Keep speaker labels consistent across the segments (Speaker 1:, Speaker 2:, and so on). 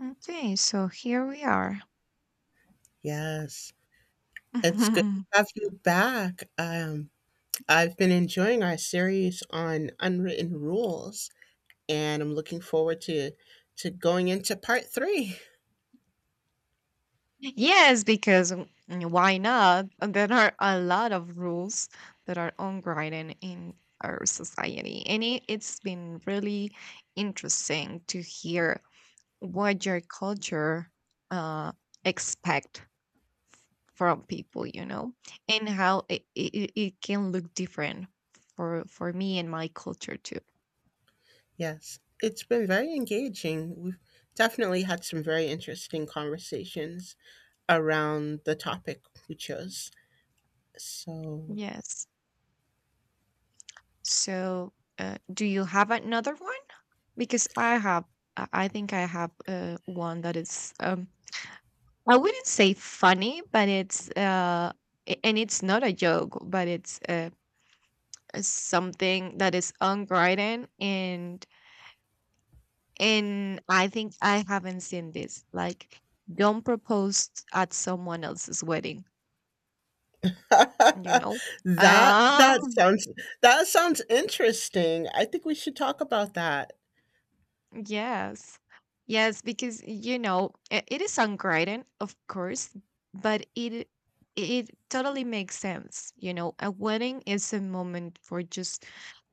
Speaker 1: Okay, so here we are.
Speaker 2: Yes. It's good to have you back. I've been enjoying our series on unwritten rules, and I'm looking forward to going into part three.
Speaker 1: Yes, because why not? There are a lot of rules that are unwritten in our society, and it's been really interesting to hear what your culture uh, expect from people, and how it can look different for me and my culture too.
Speaker 2: Yes, it's been very engaging. We've definitely had some very interesting conversations around the topic we chose. So
Speaker 1: Yes. So, do you have another one? Because I have, I think I have one that is, I wouldn't say funny, but it's, and it's not a joke, but it's something that is unwritten. And I think I haven't seen this. Like, don't propose at someone else's wedding, you know?
Speaker 2: that
Speaker 1: Um,
Speaker 2: sounds that sounds interesting. I think we should talk about that.
Speaker 1: Yes. Yes, because it is songwriting, of course, but it totally makes sense. You know, a wedding is a moment for just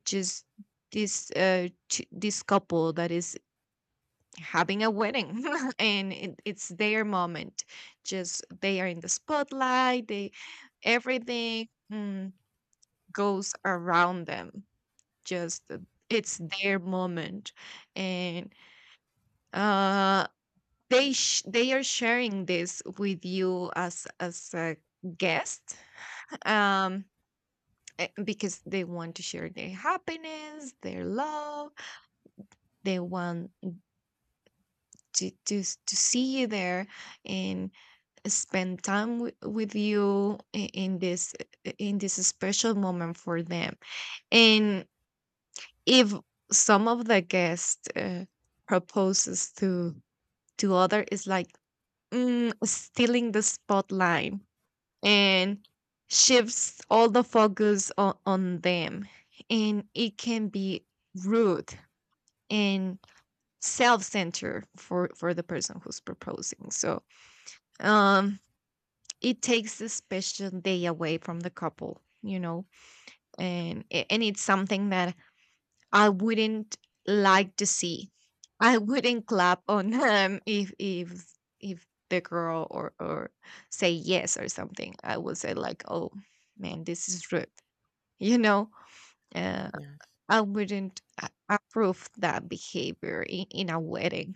Speaker 1: just this this couple that is having a wedding and it's their moment. Just, they are in the spotlight. They, everything goes around them. Just, it's their moment. And uh they they are sharing this with you as a guest, um because they want to share their happiness, their love. They want to to see you there and spend time with you in this, in this special moment for them. And if some of the guests proposes to other is like, stealing the spotlight and shifts all the focus on them. And it can be rude and self-centered for the person who's proposing. So, um, it takes a special day away from the couple, and and it's something that I wouldn't like to see. I wouldn't clap on them if the girl or say yes or something. I would say like, oh man, this is rude. you know uh,
Speaker 2: Yes.
Speaker 1: I wouldn't approve that behavior in a wedding,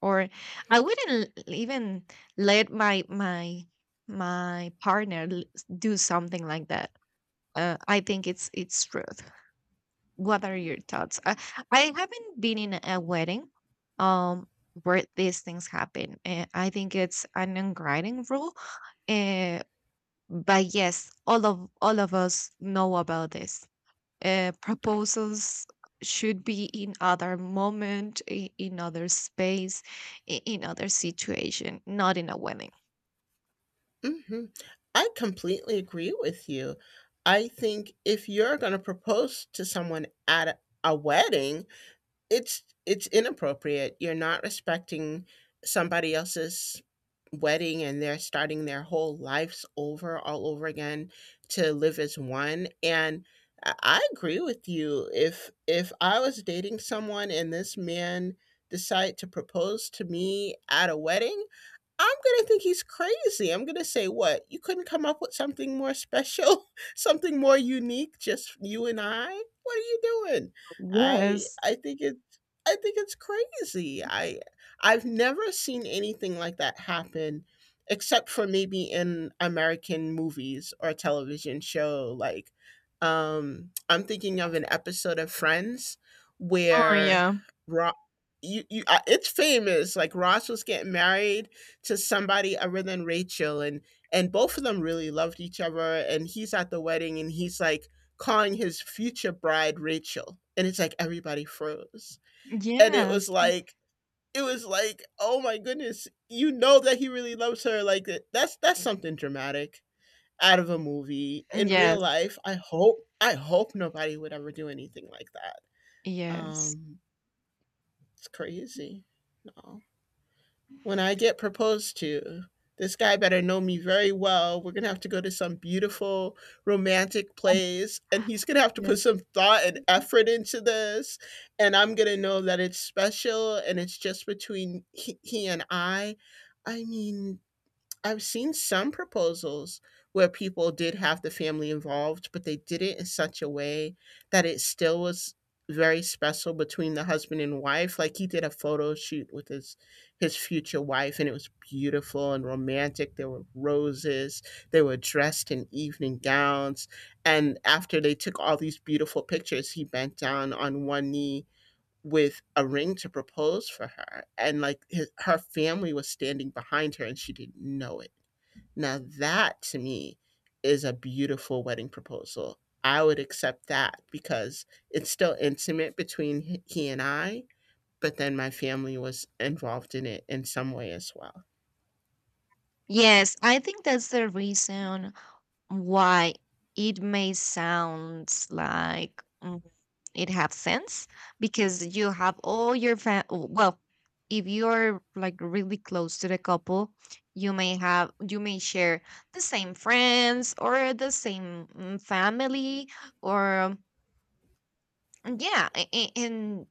Speaker 1: or I wouldn't even let my partner do something like that. I think it's truth. What are your thoughts? I haven't been in a wedding um where these things happen, and I think it's an unwritten rule. uh, but yes, all of us know about this proposals should be in other moment, in other space, in other situation, not in a wedding.
Speaker 2: Mhm. I completely agree with you. I think if you're going to propose to someone at a wedding, it's inappropriate. You're not respecting somebody else's wedding, and they're starting their whole lives over all over again to live as one. And I agree with you. If I was dating someone and this man decided to propose to me at a wedding, I'm going to think he's crazy. I'm going to say, what? You couldn't come up with something more special, something more unique, just you and I? What are you doing? I
Speaker 1: Yes.
Speaker 2: I think it's I think it's crazy. I I've never seen anything like that happen except for maybe in American movies or television show, like I'm thinking of an episode of Friends
Speaker 1: Oh,
Speaker 2: where
Speaker 1: yeah.
Speaker 2: Ro- it's famous. Like, Ross was getting married to somebody other than Rachel, and both of them really loved each other, and he's at the wedding, and he's like calling his future bride Rachel, and it's like everybody froze, and
Speaker 1: Yes.
Speaker 2: it was like oh my goodness, you know that he really loves her. Like, that's something dramatic out of a movie. In real
Speaker 1: Yes.
Speaker 2: life, I hope nobody would ever do anything like that.
Speaker 1: Yes.
Speaker 2: um it's crazy. No, when I get proposed to, this guy better know me very well. We're going to have to go to some beautiful romantic place, and he's going to have to put
Speaker 1: Yes.
Speaker 2: some thought and effort into this. And I'm going to know that it's special and it's just between he and I. I mean, I've seen some proposals where people did have the family involved, but they did it in such a way that it still was very special between the husband and wife. Like, he did a photo shoot with his future wife, and it was beautiful and romantic. There were roses. They were dressed in evening gowns. And after they took all these beautiful pictures, he bent down on one knee with a ring to propose for her, and like her family was standing behind her and she didn't know it. Now, that, to me, is a beautiful wedding proposal. I would accept that because it's still intimate between he and I, but then my family was involved in it in some way as well.
Speaker 1: Yes, I think that's the reason why it may sound like, it have sense. Because you have all your well, if you're like really close to the couple, you may share the same friends or the same family, or yeah, and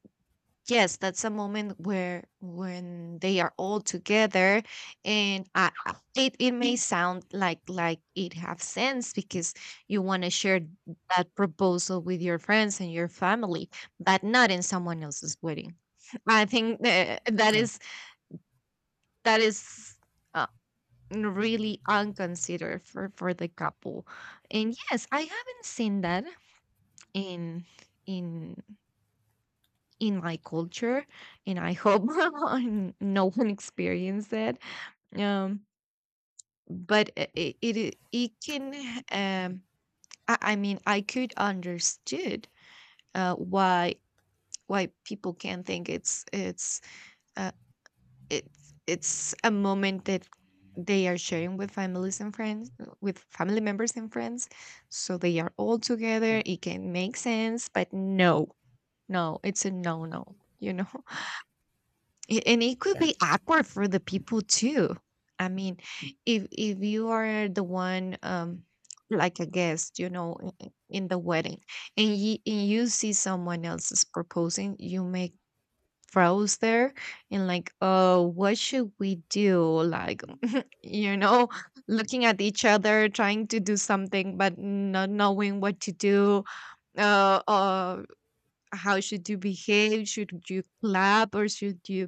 Speaker 1: yes, that's a moment where when they are all together, and it may sound like it have sense, because you want to share that proposal with your friends and your family, but not in someone else's wedding. I think that
Speaker 2: Oh,
Speaker 1: is that is uh, really unconsidered for the couple, and yes, I haven't seen that in in in my culture, and I hope no one experienced that. um but it can, um I mean, I could understood why, people can think uh it's a moment that they are sharing with families and friends, with family members and friends, so they are all
Speaker 2: yeah,
Speaker 1: together, it can make sense. But no, no, it's a no. No, you know. And it could be
Speaker 2: yes.
Speaker 1: awkward for the people too. I mean, if you are the one, like a guest, you know, in the wedding, and you see someone else is proposing, you may froze there, and like, oh, what should we do, like, you know looking at each other, trying to do something but not knowing what to do. uh, uh how should you behave? Should you clap, or should you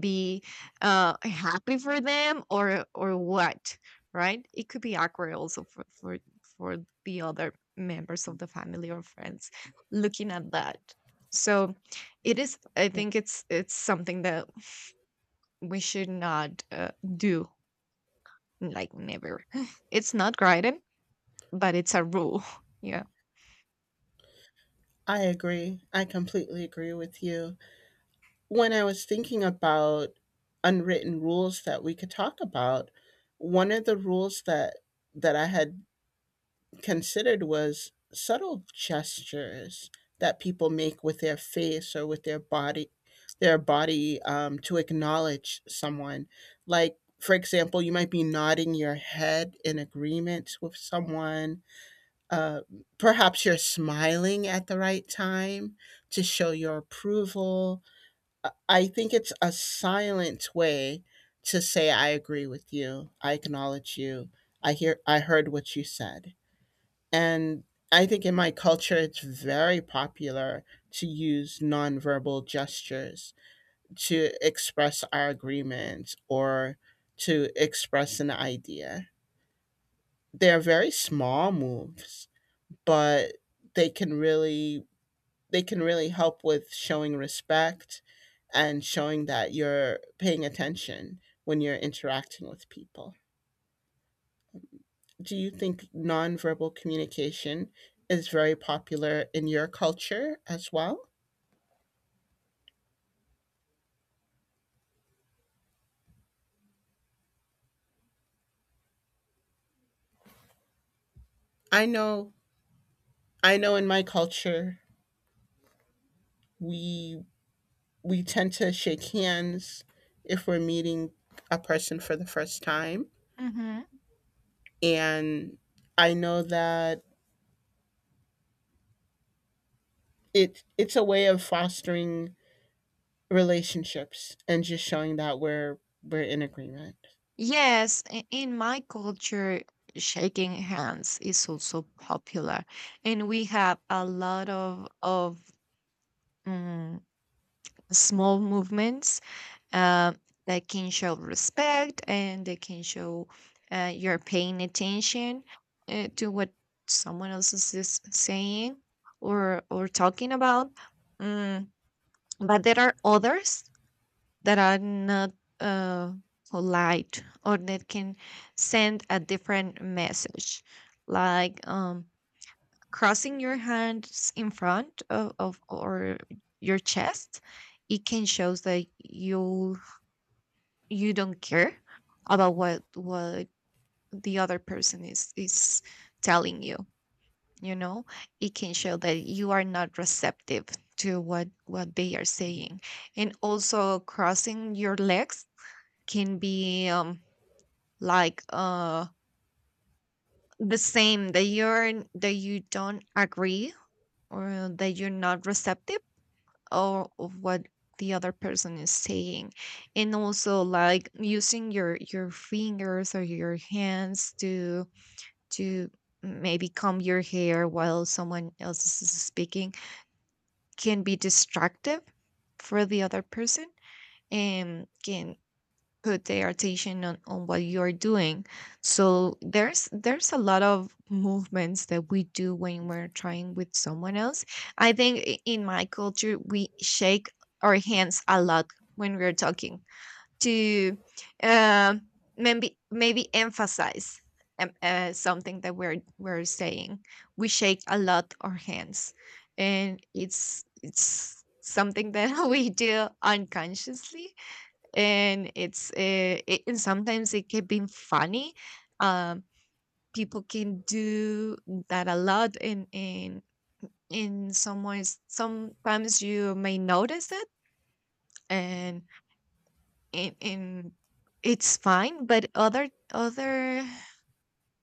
Speaker 1: be happy for them, or what? Right, it could be awkward also for the other members of the family or friends looking at that. So, it is I
Speaker 2: Yeah.
Speaker 1: think it's something that we should not do, like, never. It's not guided, but it's a rule. Yeah.
Speaker 2: I agree. I completely agree with you. When I was thinking about unwritten rules that we could talk about, one of the rules that I had considered was subtle gestures that people make with their face or with their body, to acknowledge someone. Like, for example, you might be nodding your head in agreement with someone. uh, Perhaps you're smiling at the right time to show your approval. I think it's a silent way to say I agree with you. I acknowledge you. I hear I heard what you said. And I think in my culture, it's very popular to use nonverbal gestures to express our agreement or to express an idea. They're very small moves, but they can really they can really help with showing respect and showing that you're paying attention when you're interacting with people. Do you think nonverbal communication is very popular in your culture as well? I know I know in my culture we tend to shake hands if we're meeting a person for the first time.
Speaker 1: Hmm.
Speaker 2: And I know that it's a way of fostering relationships and just showing that we're in agreement.
Speaker 1: Yes, in my culture, shaking hands is also popular, and we have a lot of mm, small movements uh, that can show respect, and they can show you're paying attention, to what someone else is saying, or talking about. Mm, but there are others that are not uh, polite, or that can send a different message, like, crossing your hands in front of or your chest. It can shows that you don't care about what the other person is telling you, you know, it can show that you are not receptive to what they are saying. And also, crossing your legs can be, like uh, the same, that you're that you don't agree, or that you're not receptive, or of what the other person is saying. And also, like using your fingers or your hands to to maybe comb your hair while someone else is speaking can be distractive for the other person, and can put their attention on what you're doing. So there's a lot of movements that we do when we're trying with someone else. I think, in my culture, we shake our hands a lot when we're talking to, um maybe emphasize something that we're saying. We shake a lot our hands, and it's something that we do unconsciously, and it's, and sometimes it can be funny. um People can do that a lot, and in some ways sometimes you may notice it, and in it's fine, but other other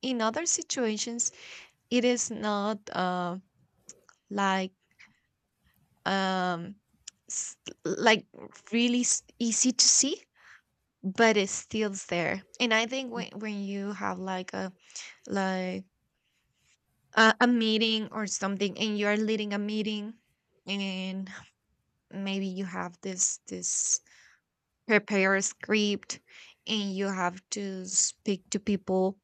Speaker 1: in other situations it is not, like, um s- like really easy to see. But it still's there. And I think when you have, like a, like a meeting or something, and you are leading a meeting, and maybe you have this prepared script and you have to speak to people,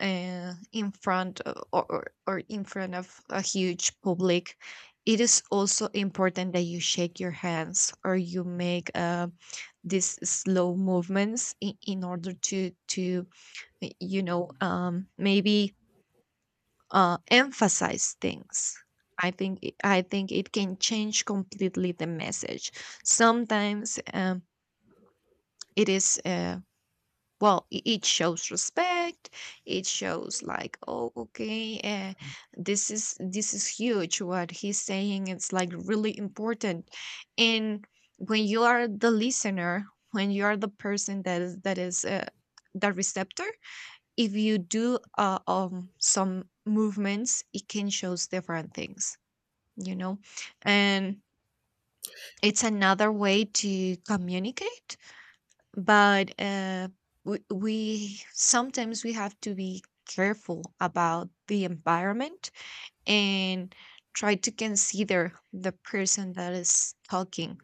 Speaker 1: in front or in front of a huge public, it is also important that you shake your hands, or you make, these slow movements in order to maybe emphasize things. I think it can change completely the message. Sometimes, it is, well, it shows respect. It shows like, oh, okay, this is, huge. What he's saying, it's like really important. And when you are the listener, when you are the person that is the receptor, if you do, some movements, it can shows different things, you know. And it's another way to communicate, but we sometimes we have to be careful about the environment, and try to consider the person that is talking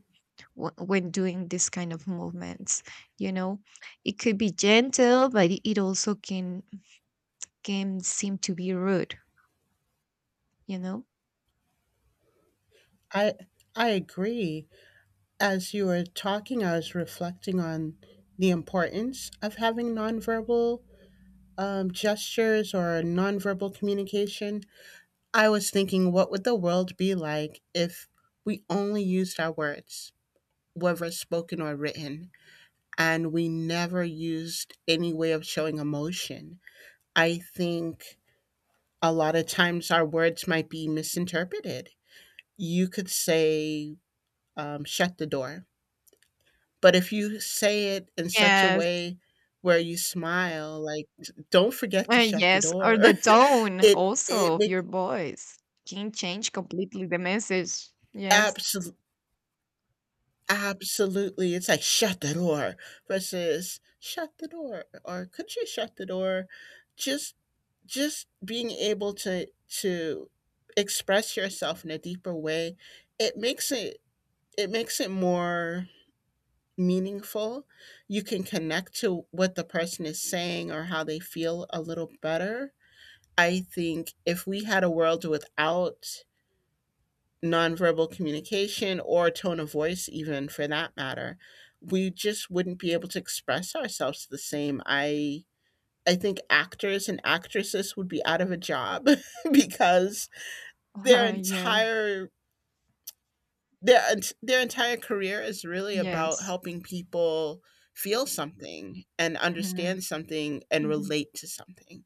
Speaker 1: when doing this kind of movements, you know. It could be gentle, but it also can seem to be rude, you know?
Speaker 2: I I agree. As you were talking, I was reflecting on the importance of having nonverbal gestures or nonverbal communication. I was thinking, what would the world be like if we only used our words, whether spoken or written, and we never used any way of showing emotion? I think a lot of times our words might be misinterpreted. You could say, shut the door. But if you say it in such a
Speaker 1: Yes,
Speaker 2: way where you smile, like, don't forget to shut the
Speaker 1: yes, or
Speaker 2: door.
Speaker 1: the tone
Speaker 2: It
Speaker 1: also
Speaker 2: it
Speaker 1: of
Speaker 2: makes
Speaker 1: your voice can change completely the message. Yes,
Speaker 2: absolutely absolutely, it's like, "Shut the door," versus, "Shut the door," or, "Could you shut the door?" Just just being able to express yourself in a deeper way, it makes it it makes it more meaningful. You can connect to what the person is saying or how they feel a little better. I think if we had a world without nonverbal communication or tone of voice, even for that matter, we just wouldn't be able to express ourselves the same. I think actors and actresses would be out of a job because their
Speaker 1: yeah,
Speaker 2: entire Their ent their entire career is really about
Speaker 1: yes.
Speaker 2: helping people feel something and
Speaker 1: Mhm,
Speaker 2: understand something and
Speaker 1: mhm.
Speaker 2: relate to something.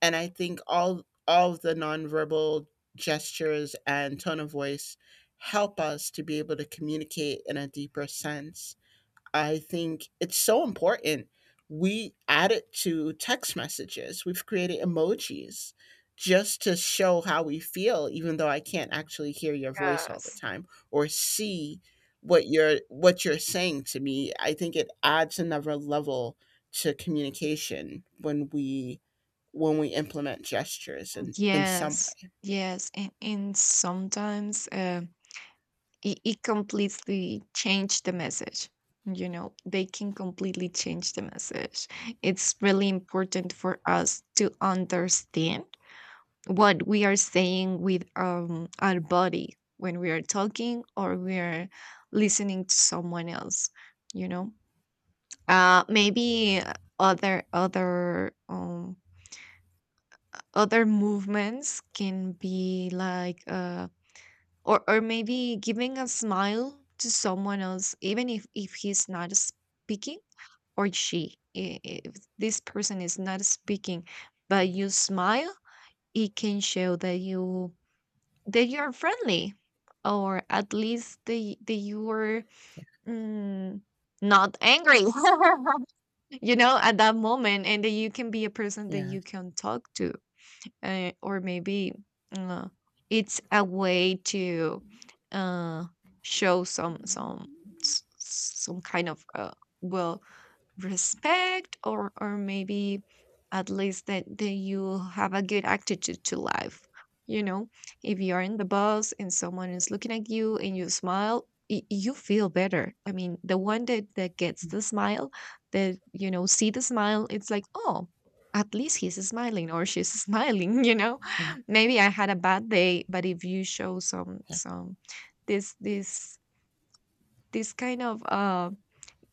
Speaker 2: And I think all of the nonverbal gestures and tone of voice help us to be able to communicate in a deeper sense. I think it's so important. We added to text messages, we've created emojis just to show how we feel, even though I can't actually hear your voice all the
Speaker 1: Yes,
Speaker 2: time or see what you're saying to me. I think it adds another level to communication when we implement gestures in some
Speaker 1: yes,
Speaker 2: way.
Speaker 1: yes, and sometimes, it completely change the message. You know, they can completely change the message. It's really important for us to understand what we are saying with our body when we are talking, or we are listening to someone else. you know Maybe other other um, other movements can be like, or maybe giving a smile to someone else, even if he's not speaking, or if this person is not speaking, but you smile. It can show that you're friendly, or at least that you were, mm, not angry at that moment, and that you can be a person
Speaker 2: Yeah.
Speaker 1: that
Speaker 2: Yeah.
Speaker 1: you can talk to. Or maybe uh, it's a way to, uh, show some kind of, well, respect, or maybe at least that you have a good attitude to life. you know if you are in the bus and someone is looking at you and you smile, you feel better. I mean, the one that gets the smile, that see the smile. It's like, oh, at least he's smiling or she's smiling.
Speaker 2: Yeah.
Speaker 1: Maybe I had a bad day, but if you show
Speaker 2: Yeah.
Speaker 1: some this this this kind of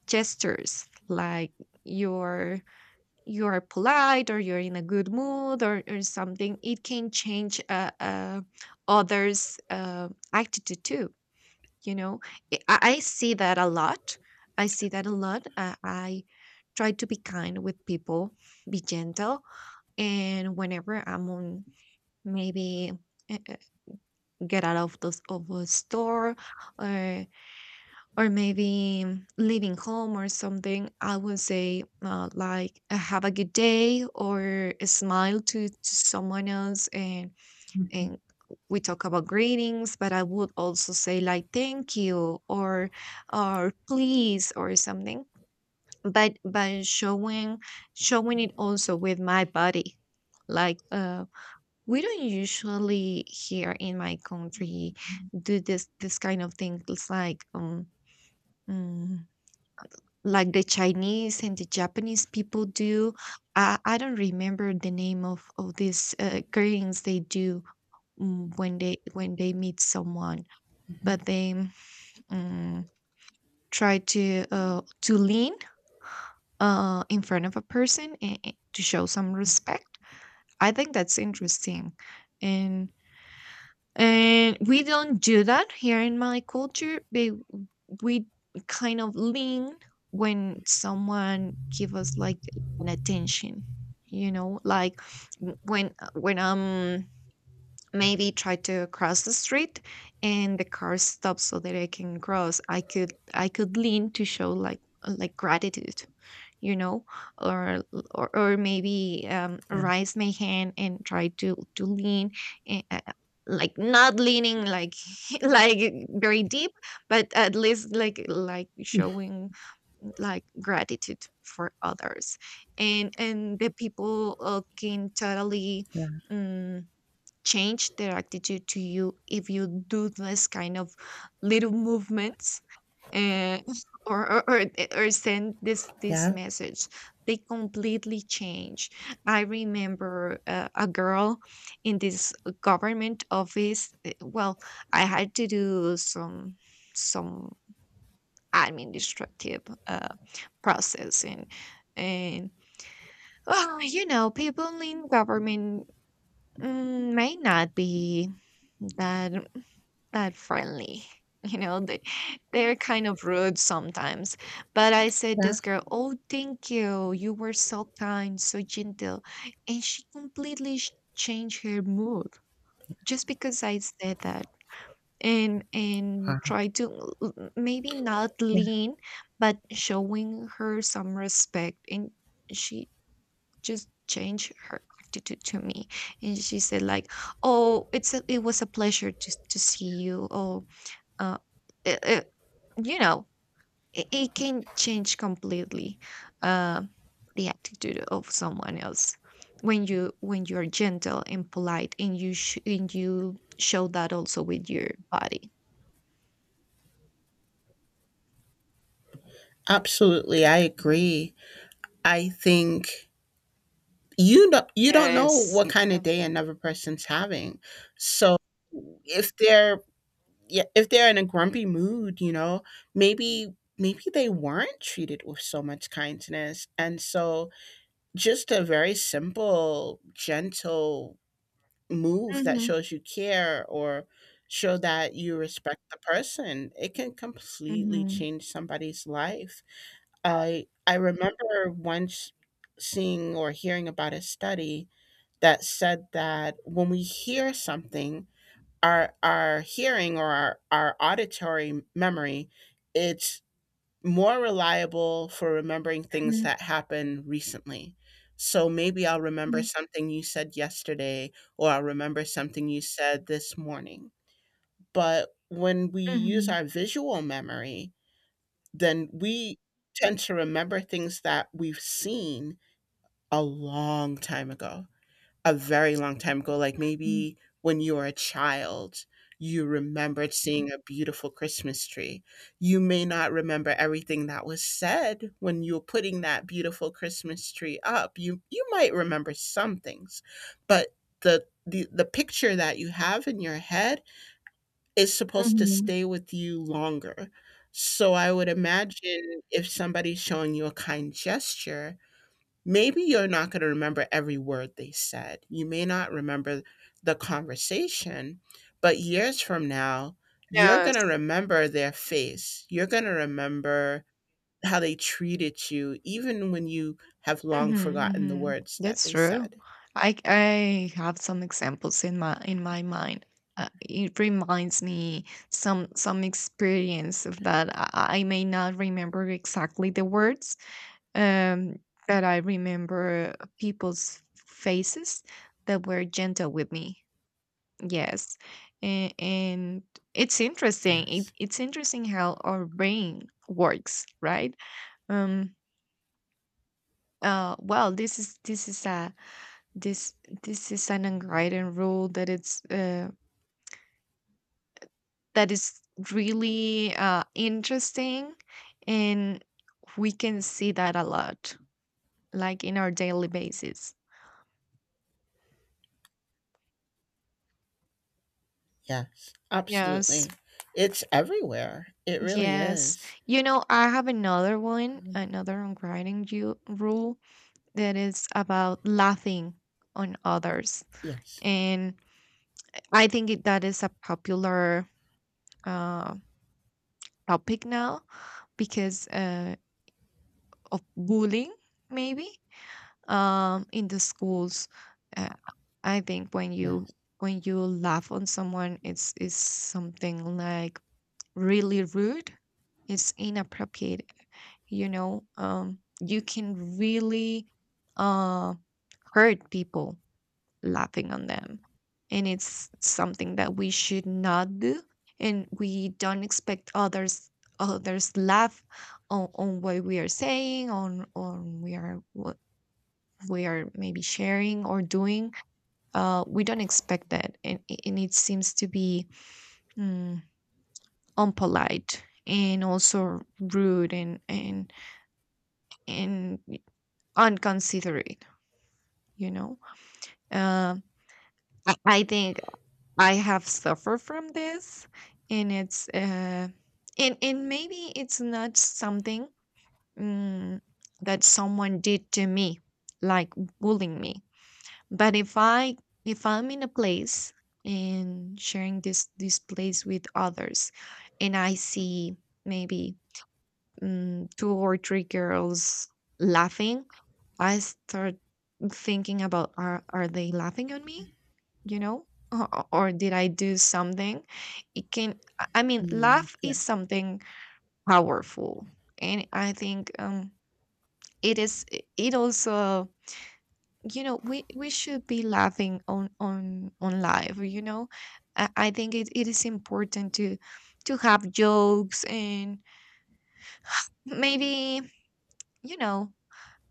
Speaker 1: gestures, like you're, polite, or you're in a good mood, or something, it can change, others', attitude too. you know I see that a lot. I see that a lot. I try to be kind with people, be gentle. And whenever I'm on, maybe, uh, uh, get out of the of a store, or maybe, leaving home or something, I would say, like, have a good day, or a smile to, someone else. And and we talk about greetings, but I would also say like thank you, or please or something. But showing, it also with my body. Like, we don't usually, here in my country, do this kind of things like, mm, like the Chinese and the Japanese people do. I don't remember the name of these, greetings they do, when they, meet someone. But they, mm, try to, lean, in front of a person, and, to show some respect. I think that's interesting, and we don't do that here in my culture. But we kind of lean when someone give us like an attention, like, w- when I'm maybe try to cross the street, and the car stops so that I can cross. I could lean to show like, gratitude. you know or, maybe,
Speaker 2: Yeah.
Speaker 1: raise my hand and try to, lean. eh, uh, like, not leaning like like very deep, but at least like, showing like gratitude for others. And the people, can totally
Speaker 2: Yeah.
Speaker 1: mm change their attitude to you if you do this kind of little movements. And or or, or, or send this
Speaker 2: Yeah.
Speaker 1: message. They completely change. I remember, a girl in this government office. Well, I had to do some, some administrative, process, and and well, you know, people in government, may not be that that friendly. You know, they're kind of rude sometimes. But I said
Speaker 2: Yeah.
Speaker 1: this girl, "Oh, thank you. You were so kind, so gentle." And she completely changed her mood, just because I said that. And
Speaker 2: Wow.
Speaker 1: try to maybe not
Speaker 2: Yeah.
Speaker 1: lean, but showing her some respect. And she just changed her attitude to me. And she said like, "Oh, it was a pleasure to, see you. Oh, uh, it, it, you know, it can change completely, uh, the attitude of someone else when you're gentle and polite, and you show that also with your body."
Speaker 2: Absolutely, I agree. I think you don't know
Speaker 1: Yes.
Speaker 2: what kind of
Speaker 1: Yeah.
Speaker 2: day another person's having, so if they're yeah, if they're in a grumpy mood, you know, maybe maybe they weren't treated with so much kindness, and so just a very simple gentle move that
Speaker 1: Mm-hmm,
Speaker 2: shows you care or show that you respect the person, it can completely
Speaker 1: mm-hmm,
Speaker 2: change somebody's life. I remember once seeing or hearing about a study that said that when we hear something, our hearing or our auditory memory, it's more reliable for remembering things
Speaker 1: hmm,
Speaker 2: that happened recently. So maybe I'll remember something you said yesterday, or I'll remember something you said this morning. But when we use
Speaker 1: mm-hmm,
Speaker 2: our visual memory, then we tend to remember things that we've seen a long time ago, a very long time ago. Like, maybe when you were a child, you remembered seeing a beautiful Christmas tree. You may not remember everything that was said when you were putting that beautiful Christmas tree up. You might remember some things, but the picture that you have in your head is supposed to
Speaker 1: mm-hmm.
Speaker 2: stay with you longer. So I would imagine if somebody's showing you a kind gesture, maybe you're not going to remember every word they said. You may not remember the conversation, but years from now, you're going to
Speaker 1: Yes.
Speaker 2: remember their face. You're going to remember how they treated you, even when you have long
Speaker 1: Mhm,
Speaker 2: forgotten the
Speaker 1: mhm.
Speaker 2: words that
Speaker 1: That's
Speaker 2: they
Speaker 1: true.
Speaker 2: said.
Speaker 1: I have some examples in my mind. It reminds me some experience of that. I may not remember exactly the words, um, but I remember people's faces that were gentle with me. Yes, and, it's interesting.
Speaker 2: Yes,
Speaker 1: It's interesting how our brain works, right? Um. Well, this is a this this is an unwritten rule that is really, interesting, and we can see that a lot, like in our daily basis.
Speaker 2: yes, absolutely.
Speaker 1: Yes,
Speaker 2: It's everywhere. It really
Speaker 1: yes.
Speaker 2: is.
Speaker 1: You know, I have
Speaker 2: Um,
Speaker 1: another unwriting you rule that is about laughing on others.
Speaker 2: yes,
Speaker 1: And I think, that is a popular, uh, topic now, because, of bullying, maybe, in the schools. Uh, I think when you,
Speaker 2: yes.
Speaker 1: laugh on someone, it's something like really rude. It's inappropriate. You know, you can really, uh, hurt people laughing on them, and it's something that we should not do. And we don't expect others laugh on, what we are saying, on we are maybe sharing or doing. We don't expect that, and, it seems to be, mm, unpolite, and also rude, and and unconsiderate. you know uh, I think I have suffered from this, and it's, and maybe it's not something, mm, that someone did to me, like bullying me. But if I'm in a place, and sharing this place with others, and I see, maybe, two or three girls laughing, I start thinking about, are they laughing at me? You know, or, did I do something? It can. I mean,
Speaker 2: Mm,
Speaker 1: laugh
Speaker 2: yeah,
Speaker 1: is something powerful, and I think, it is. It also, we should be laughing on, live. I think it is important to, have jokes, and maybe, you know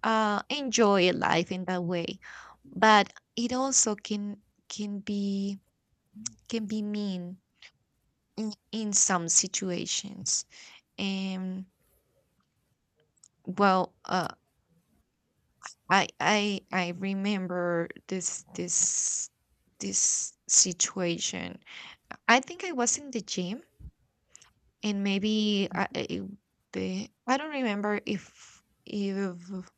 Speaker 1: enjoy life in that way. But it also can, can be can be mean in, some situations. And well, I remember this situation. I think I was in the gym, and maybe, I it, the I don't remember if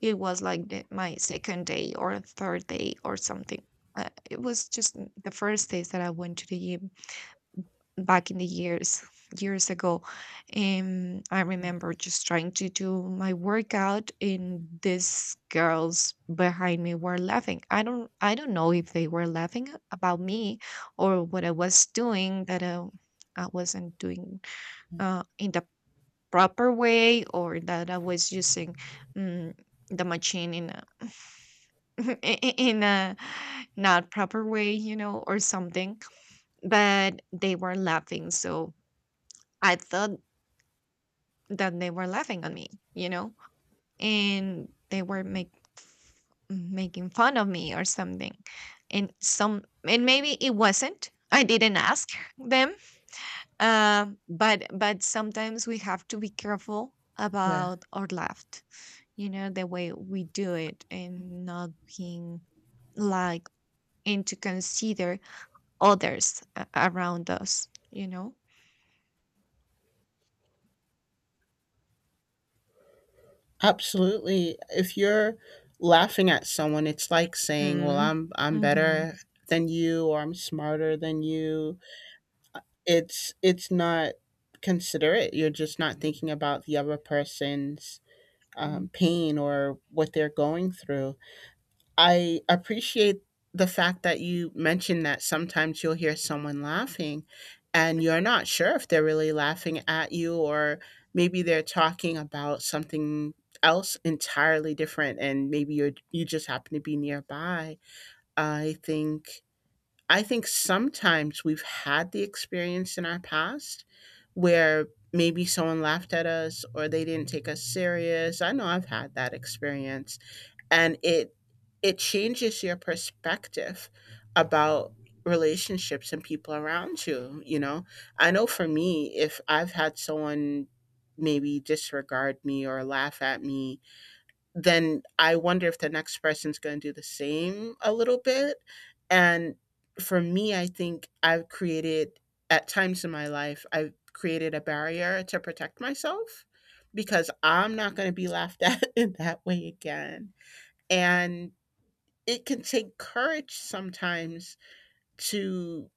Speaker 1: it was like my second day, or third day, or something. It was just the first days that I went to the gym back in the years ago. I remember just trying to do my workout, and these girls behind me were laughing. I don't know if they were laughing about me, or what I was doing that I wasn't doing,
Speaker 2: yeah,
Speaker 1: in the proper way, or that I was using, mm, the machine in a, in a not proper way, you know, or something. But they were laughing, so I thought that they were laughing on me, you know, and they were, f- making fun of me or something. And some and maybe it wasn't. I didn't ask them. But sometimes we have to be careful
Speaker 2: yeah.
Speaker 1: about our laugh, the way we do it, and not being, like, and to consider others, around us, you know?
Speaker 2: Absolutely. If you're laughing at someone, it's like saying, "Well,
Speaker 1: Mm.
Speaker 2: I'm
Speaker 1: Mm-hmm.
Speaker 2: better than you," or, "I'm smarter than you." It's not considerate. You're just not thinking about the other person's
Speaker 1: Mm.
Speaker 2: pain or what they're going through. I appreciate the fact that you mentioned that sometimes you'll hear someone laughing and you're not sure if they're really laughing at you, or maybe they're talking about something else entirely different and maybe you just happen to be nearby. I think I think sometimes we've had the experience in our past where maybe someone laughed at us or they didn't take us serious. I know I've had that experience, and it changes your perspective about relationships and people around you. You know, I know for me, if I've had someone maybe disregard me or laugh at me, then I wonder if the next person's going to do the same a little bit. And for me, I think I've created at times in my life I've created a barrier to protect myself because I'm not going to be laughed at in that way again. And it can take courage sometimes to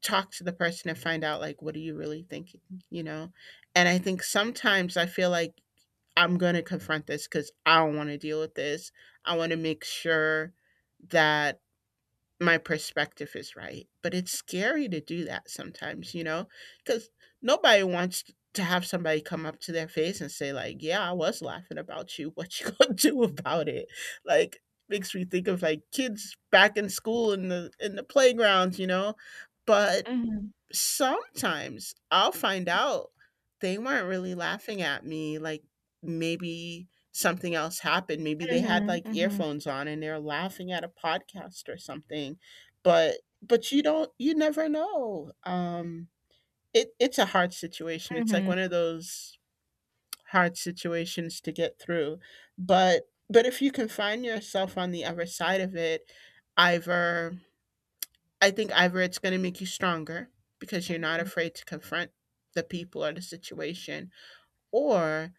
Speaker 2: talk to the person and find out, like, what are you really thinking, you know? And I think sometimes I feel like I'm going to confront this because I don't want to deal with this. I want to make sure that my perspective is right. But it's scary to do that sometimes, you know, because nobody wants to have somebody come up to their face and say, like, yeah, I was laughing about you. What you gonna do about it? Like, makes me think of like kids back in school in the playgrounds, you know. But
Speaker 1: Mhm,
Speaker 2: sometimes I'll find out they weren't really laughing at me. Like maybe something else happened. Maybe they had
Speaker 1: mhm,
Speaker 2: like
Speaker 1: mhm,
Speaker 2: earphones on and they're laughing at a podcast or something. But but you never know. It's a hard situation. It's like
Speaker 1: mhm,
Speaker 2: one of those hard situations to get through. But but if you can find yourself on the other side of it, either I think either it's going to make you stronger because you're not
Speaker 1: mhm.
Speaker 2: afraid to confront the people or the situation, or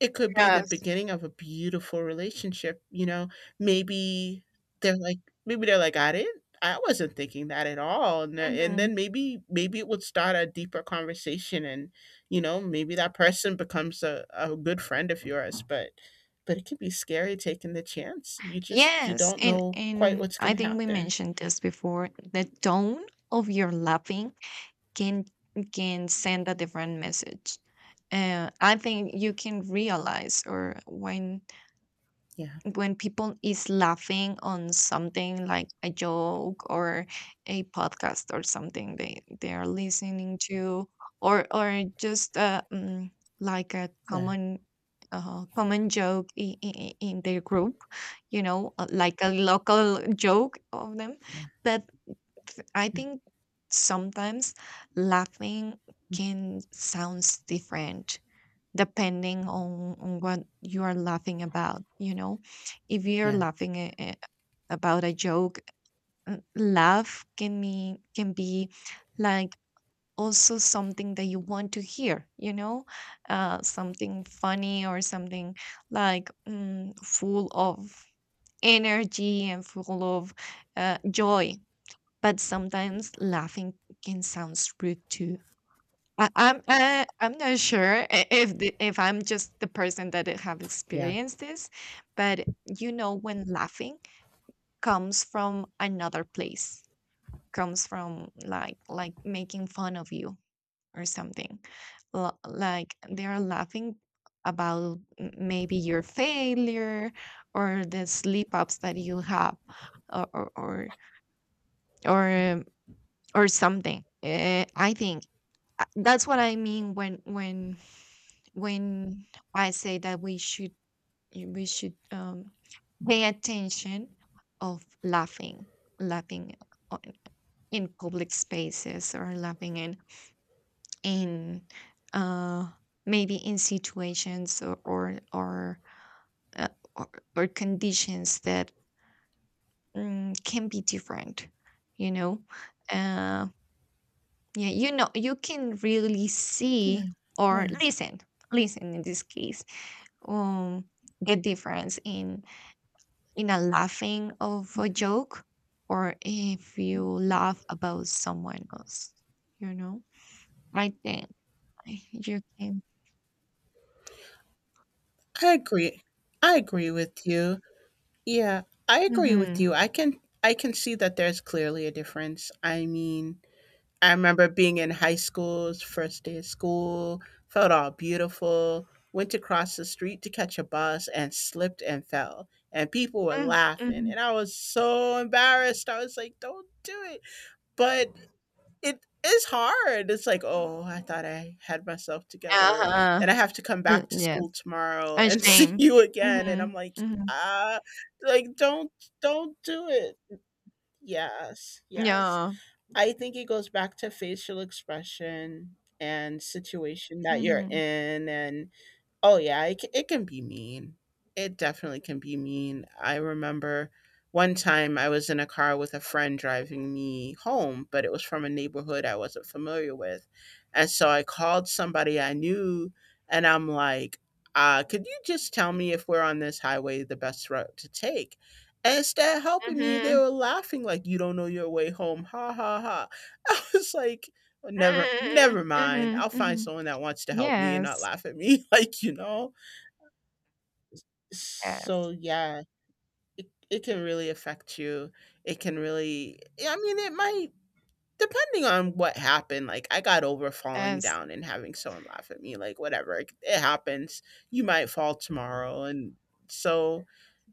Speaker 2: it could be the
Speaker 1: Yes.
Speaker 2: beginning of a beautiful relationship. You know, maybe they're like, maybe they're like, I wasn't thinking that at all. And, and
Speaker 1: Mhm.
Speaker 2: then maybe it would start a deeper conversation. And, you know, maybe that person becomes a good friend of yours. But it can be scary taking the chance. You
Speaker 1: Yes,
Speaker 2: don't
Speaker 1: and
Speaker 2: know quite what's going
Speaker 1: I
Speaker 2: to
Speaker 1: think we
Speaker 2: happen.
Speaker 1: mentioned this before. The tone of your laughing can can send a different message. I think you can realize, or when,
Speaker 2: Yeah.
Speaker 1: people is laughing on something like a joke, or a podcast, or something they are listening to, or just, like a
Speaker 2: Yeah.
Speaker 1: common, common joke in, their group, like a local joke of them.
Speaker 2: Yeah.
Speaker 1: But I think sometimes laughing can sounds different, depending on, what you are laughing about. If you're
Speaker 2: Yeah.
Speaker 1: laughing, about a joke, laugh can be like, also something that you want to hear, something funny, or something like, full of energy, and full of, joy. But sometimes laughing can sound rude too. I'm not sure, if I'm just the person that it have
Speaker 2: Yeah,
Speaker 1: experienced this, but when laughing comes from another place, comes from like, making fun of you or something. Like, they are laughing about, maybe your failure, or the slip ups that you have, or, or, um, something. I think. That's what I mean, when, when I say that we should, we should um, pay attention of laughing on, in public spaces, or laughing in uh maybe in situations, or uh, or, or conditions that, can be different. you know Uh, Yeah, you can really
Speaker 2: yeah,
Speaker 1: see, or
Speaker 2: yeah.
Speaker 1: listen, in this case, um, the difference in, a laughing of a joke, or if you laugh about someone else, you know, right then, like, you can.
Speaker 2: I agree. I agree with you. Yeah, I agree with
Speaker 1: Mm-hmm.
Speaker 2: you. I can see that there's clearly a difference. I mean, I remember being in high school's first day of school, felt all beautiful, went to cross the street to catch a bus and slipped and fell. And people were laughing
Speaker 1: Mm-hmm.
Speaker 2: and I was so embarrassed. I was like, "Don't do it." But it is hard. It's like, oh, I thought I had myself together
Speaker 1: Uh-huh.
Speaker 2: and I have to come back to
Speaker 1: Yes.
Speaker 2: school tomorrow
Speaker 1: A
Speaker 2: and see
Speaker 1: shame.
Speaker 2: you again. And
Speaker 1: Mm-hmm.
Speaker 2: I'm like,
Speaker 1: Mm-hmm.
Speaker 2: ah, like don't do it. Yes, yes.
Speaker 1: Yeah.
Speaker 2: I think it goes back to facial expression and situation that you're
Speaker 1: Mm-hmm.
Speaker 2: in and oh yeah, it can be mean. It definitely can be mean. I remember one time I was in a car with a friend driving me home, but it was from a neighborhood I wasn't familiar with. And so I called somebody I knew and I'm like, could you just tell me if we're on this highway the best route to take? And instead of helping me, they
Speaker 1: Mm-hmm.
Speaker 2: were laughing like, you don't know your way home. Ha ha ha. I was like, never mind.
Speaker 1: Mm-hmm.
Speaker 2: I'll find
Speaker 1: Mm-hmm.
Speaker 2: someone that wants to help me and not
Speaker 1: Yes.
Speaker 2: laugh at me, like, you know?
Speaker 1: Yes.
Speaker 2: So yeah, it can really affect you. It can really, yeah, I mean, it might, depending on what happened. Like I got over falling
Speaker 1: Yes.
Speaker 2: down and having someone laugh at me, like whatever. It happens. You might fall tomorrow and so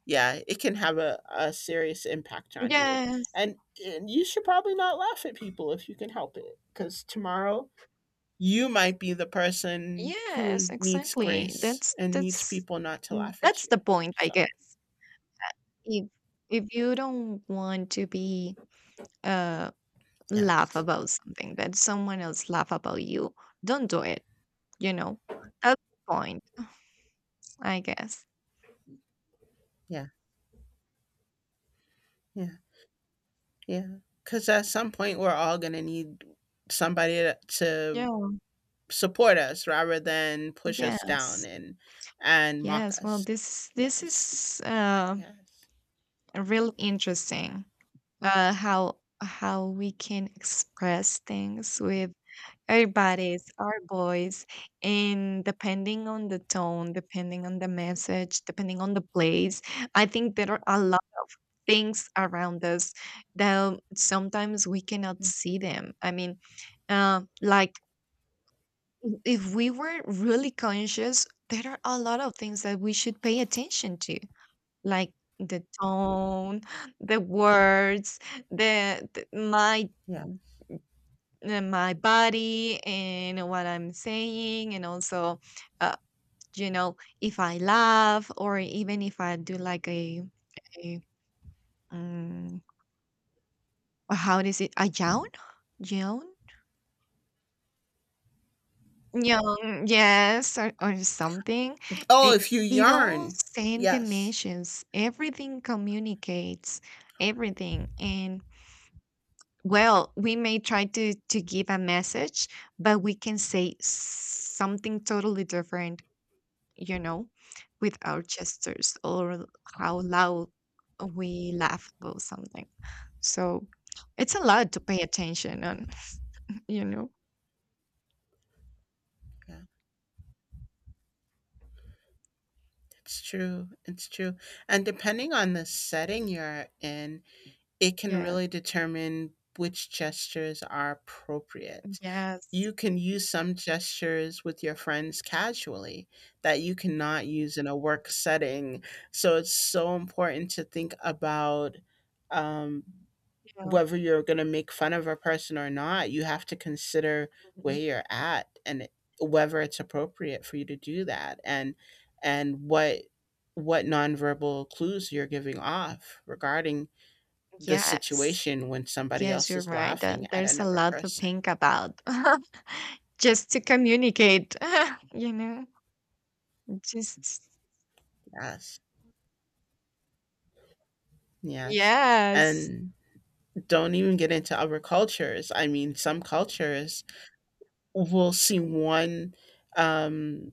Speaker 2: yeah, it can have a serious impact on you.
Speaker 1: Yes.
Speaker 2: And, and you should probably not laugh at people if you can help it, because tomorrow you might be the person who
Speaker 1: Yes,
Speaker 2: needs
Speaker 1: exactly.
Speaker 2: grace and needs people not to laugh at
Speaker 1: That's
Speaker 2: you.
Speaker 1: the point, I
Speaker 2: So,
Speaker 1: guess. If you don't want to be, uh laugh
Speaker 2: yes.
Speaker 1: about something that someone else laugh about you, don't do it, you know. That's the point, I guess.
Speaker 2: Yeah. Yeah. Yeah. Because at some point, we're all going to need somebody to
Speaker 1: Yeah.
Speaker 2: support us rather than push us down
Speaker 1: Yes.
Speaker 2: and mock
Speaker 1: Yes. Well,
Speaker 2: us.
Speaker 1: this
Speaker 2: Yes.
Speaker 1: is
Speaker 2: Yes.
Speaker 1: real interesting. How we can express things with our bodies, our voice, and depending on the tone, depending on the message, depending on the place, I think there are a lot of things around us that sometimes we cannot
Speaker 2: Mm.
Speaker 1: see them. I mean, like if we were really conscious, there are a lot of things that we should pay attention to, like the tone, the words, the my
Speaker 2: Yeah.
Speaker 1: my body, and what I'm saying, and also, uh, you know, if I laugh, or even if I do like, a um, how is it, a yawn, yawn, yawn, yes, or, something,
Speaker 2: Oh,
Speaker 1: it,
Speaker 2: if you
Speaker 1: it all
Speaker 2: yarn.
Speaker 1: sends the
Speaker 2: Yes.
Speaker 1: messages. Everything communicates, everything. And well, we may try to, give a message, but we can say something totally different, you know, with our gestures, or how loud we laugh about something. So it's a lot to pay attention on, you know.
Speaker 2: Yeah. It's true. It's true. And depending on the setting you're in, it can
Speaker 1: Yes,
Speaker 2: really determine which gestures are appropriate.
Speaker 1: yes,
Speaker 2: You can use some gestures with your friends casually that you cannot use in a work setting. So it's so important to think about um,
Speaker 1: yeah.
Speaker 2: whether you're going to make fun of a person or not. You have to consider where
Speaker 1: Mhm.
Speaker 2: you're at and whether it's appropriate for you to do that, and what nonverbal clues you're giving off regarding the
Speaker 1: Yes,
Speaker 2: situation when somebody
Speaker 1: yes,
Speaker 2: else
Speaker 1: you're
Speaker 2: is
Speaker 1: right.
Speaker 2: laughing at
Speaker 1: There's a
Speaker 2: another
Speaker 1: lot to
Speaker 2: person.
Speaker 1: think about just to communicate, you know, just
Speaker 2: Yes. Yes.
Speaker 1: Yes.
Speaker 2: And don't even get into other cultures. I mean, some cultures will see one um,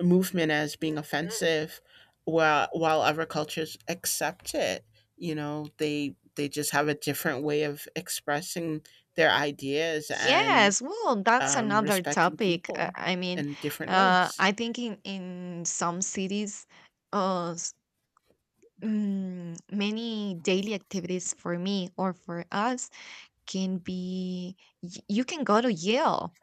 Speaker 2: movement as being offensive while other cultures accept it. You know, they just have a different way of expressing their ideas and
Speaker 1: Yes, well, that's another
Speaker 2: respecting
Speaker 1: topic.
Speaker 2: people
Speaker 1: I mean,
Speaker 2: in different ways.
Speaker 1: I think in, some cities, uh, s- many daily activities for me or for us can be, you can go to Yale,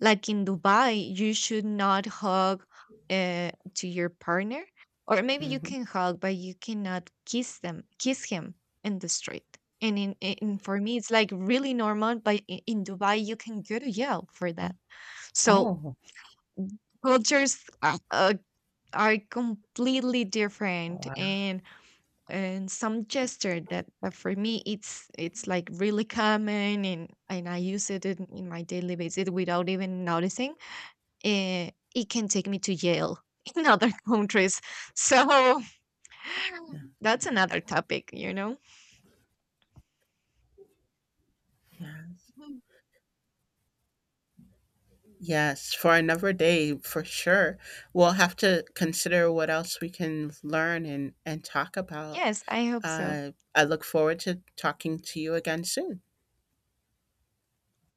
Speaker 1: like in Dubai. You should not hug, to your partner, or maybe you
Speaker 2: Hmm.
Speaker 1: can hug, but you cannot kiss them, kiss him in the street. And in, for me, it's like really normal, but, in Dubai, you can go to jail for that. So
Speaker 2: Oh,
Speaker 1: cultures are, completely different,
Speaker 2: wow.
Speaker 1: and some gesture that, for me it's like really common, and I use it in, my daily basis without even noticing. It can take me to jail in other countries. So that's another topic, you know?
Speaker 2: Yes.
Speaker 1: Mhm.
Speaker 2: Yes, for another day, for sure. We'll have to consider what else we can learn and talk about.
Speaker 1: Yes, I hope so.
Speaker 2: I look forward to talking to you again soon.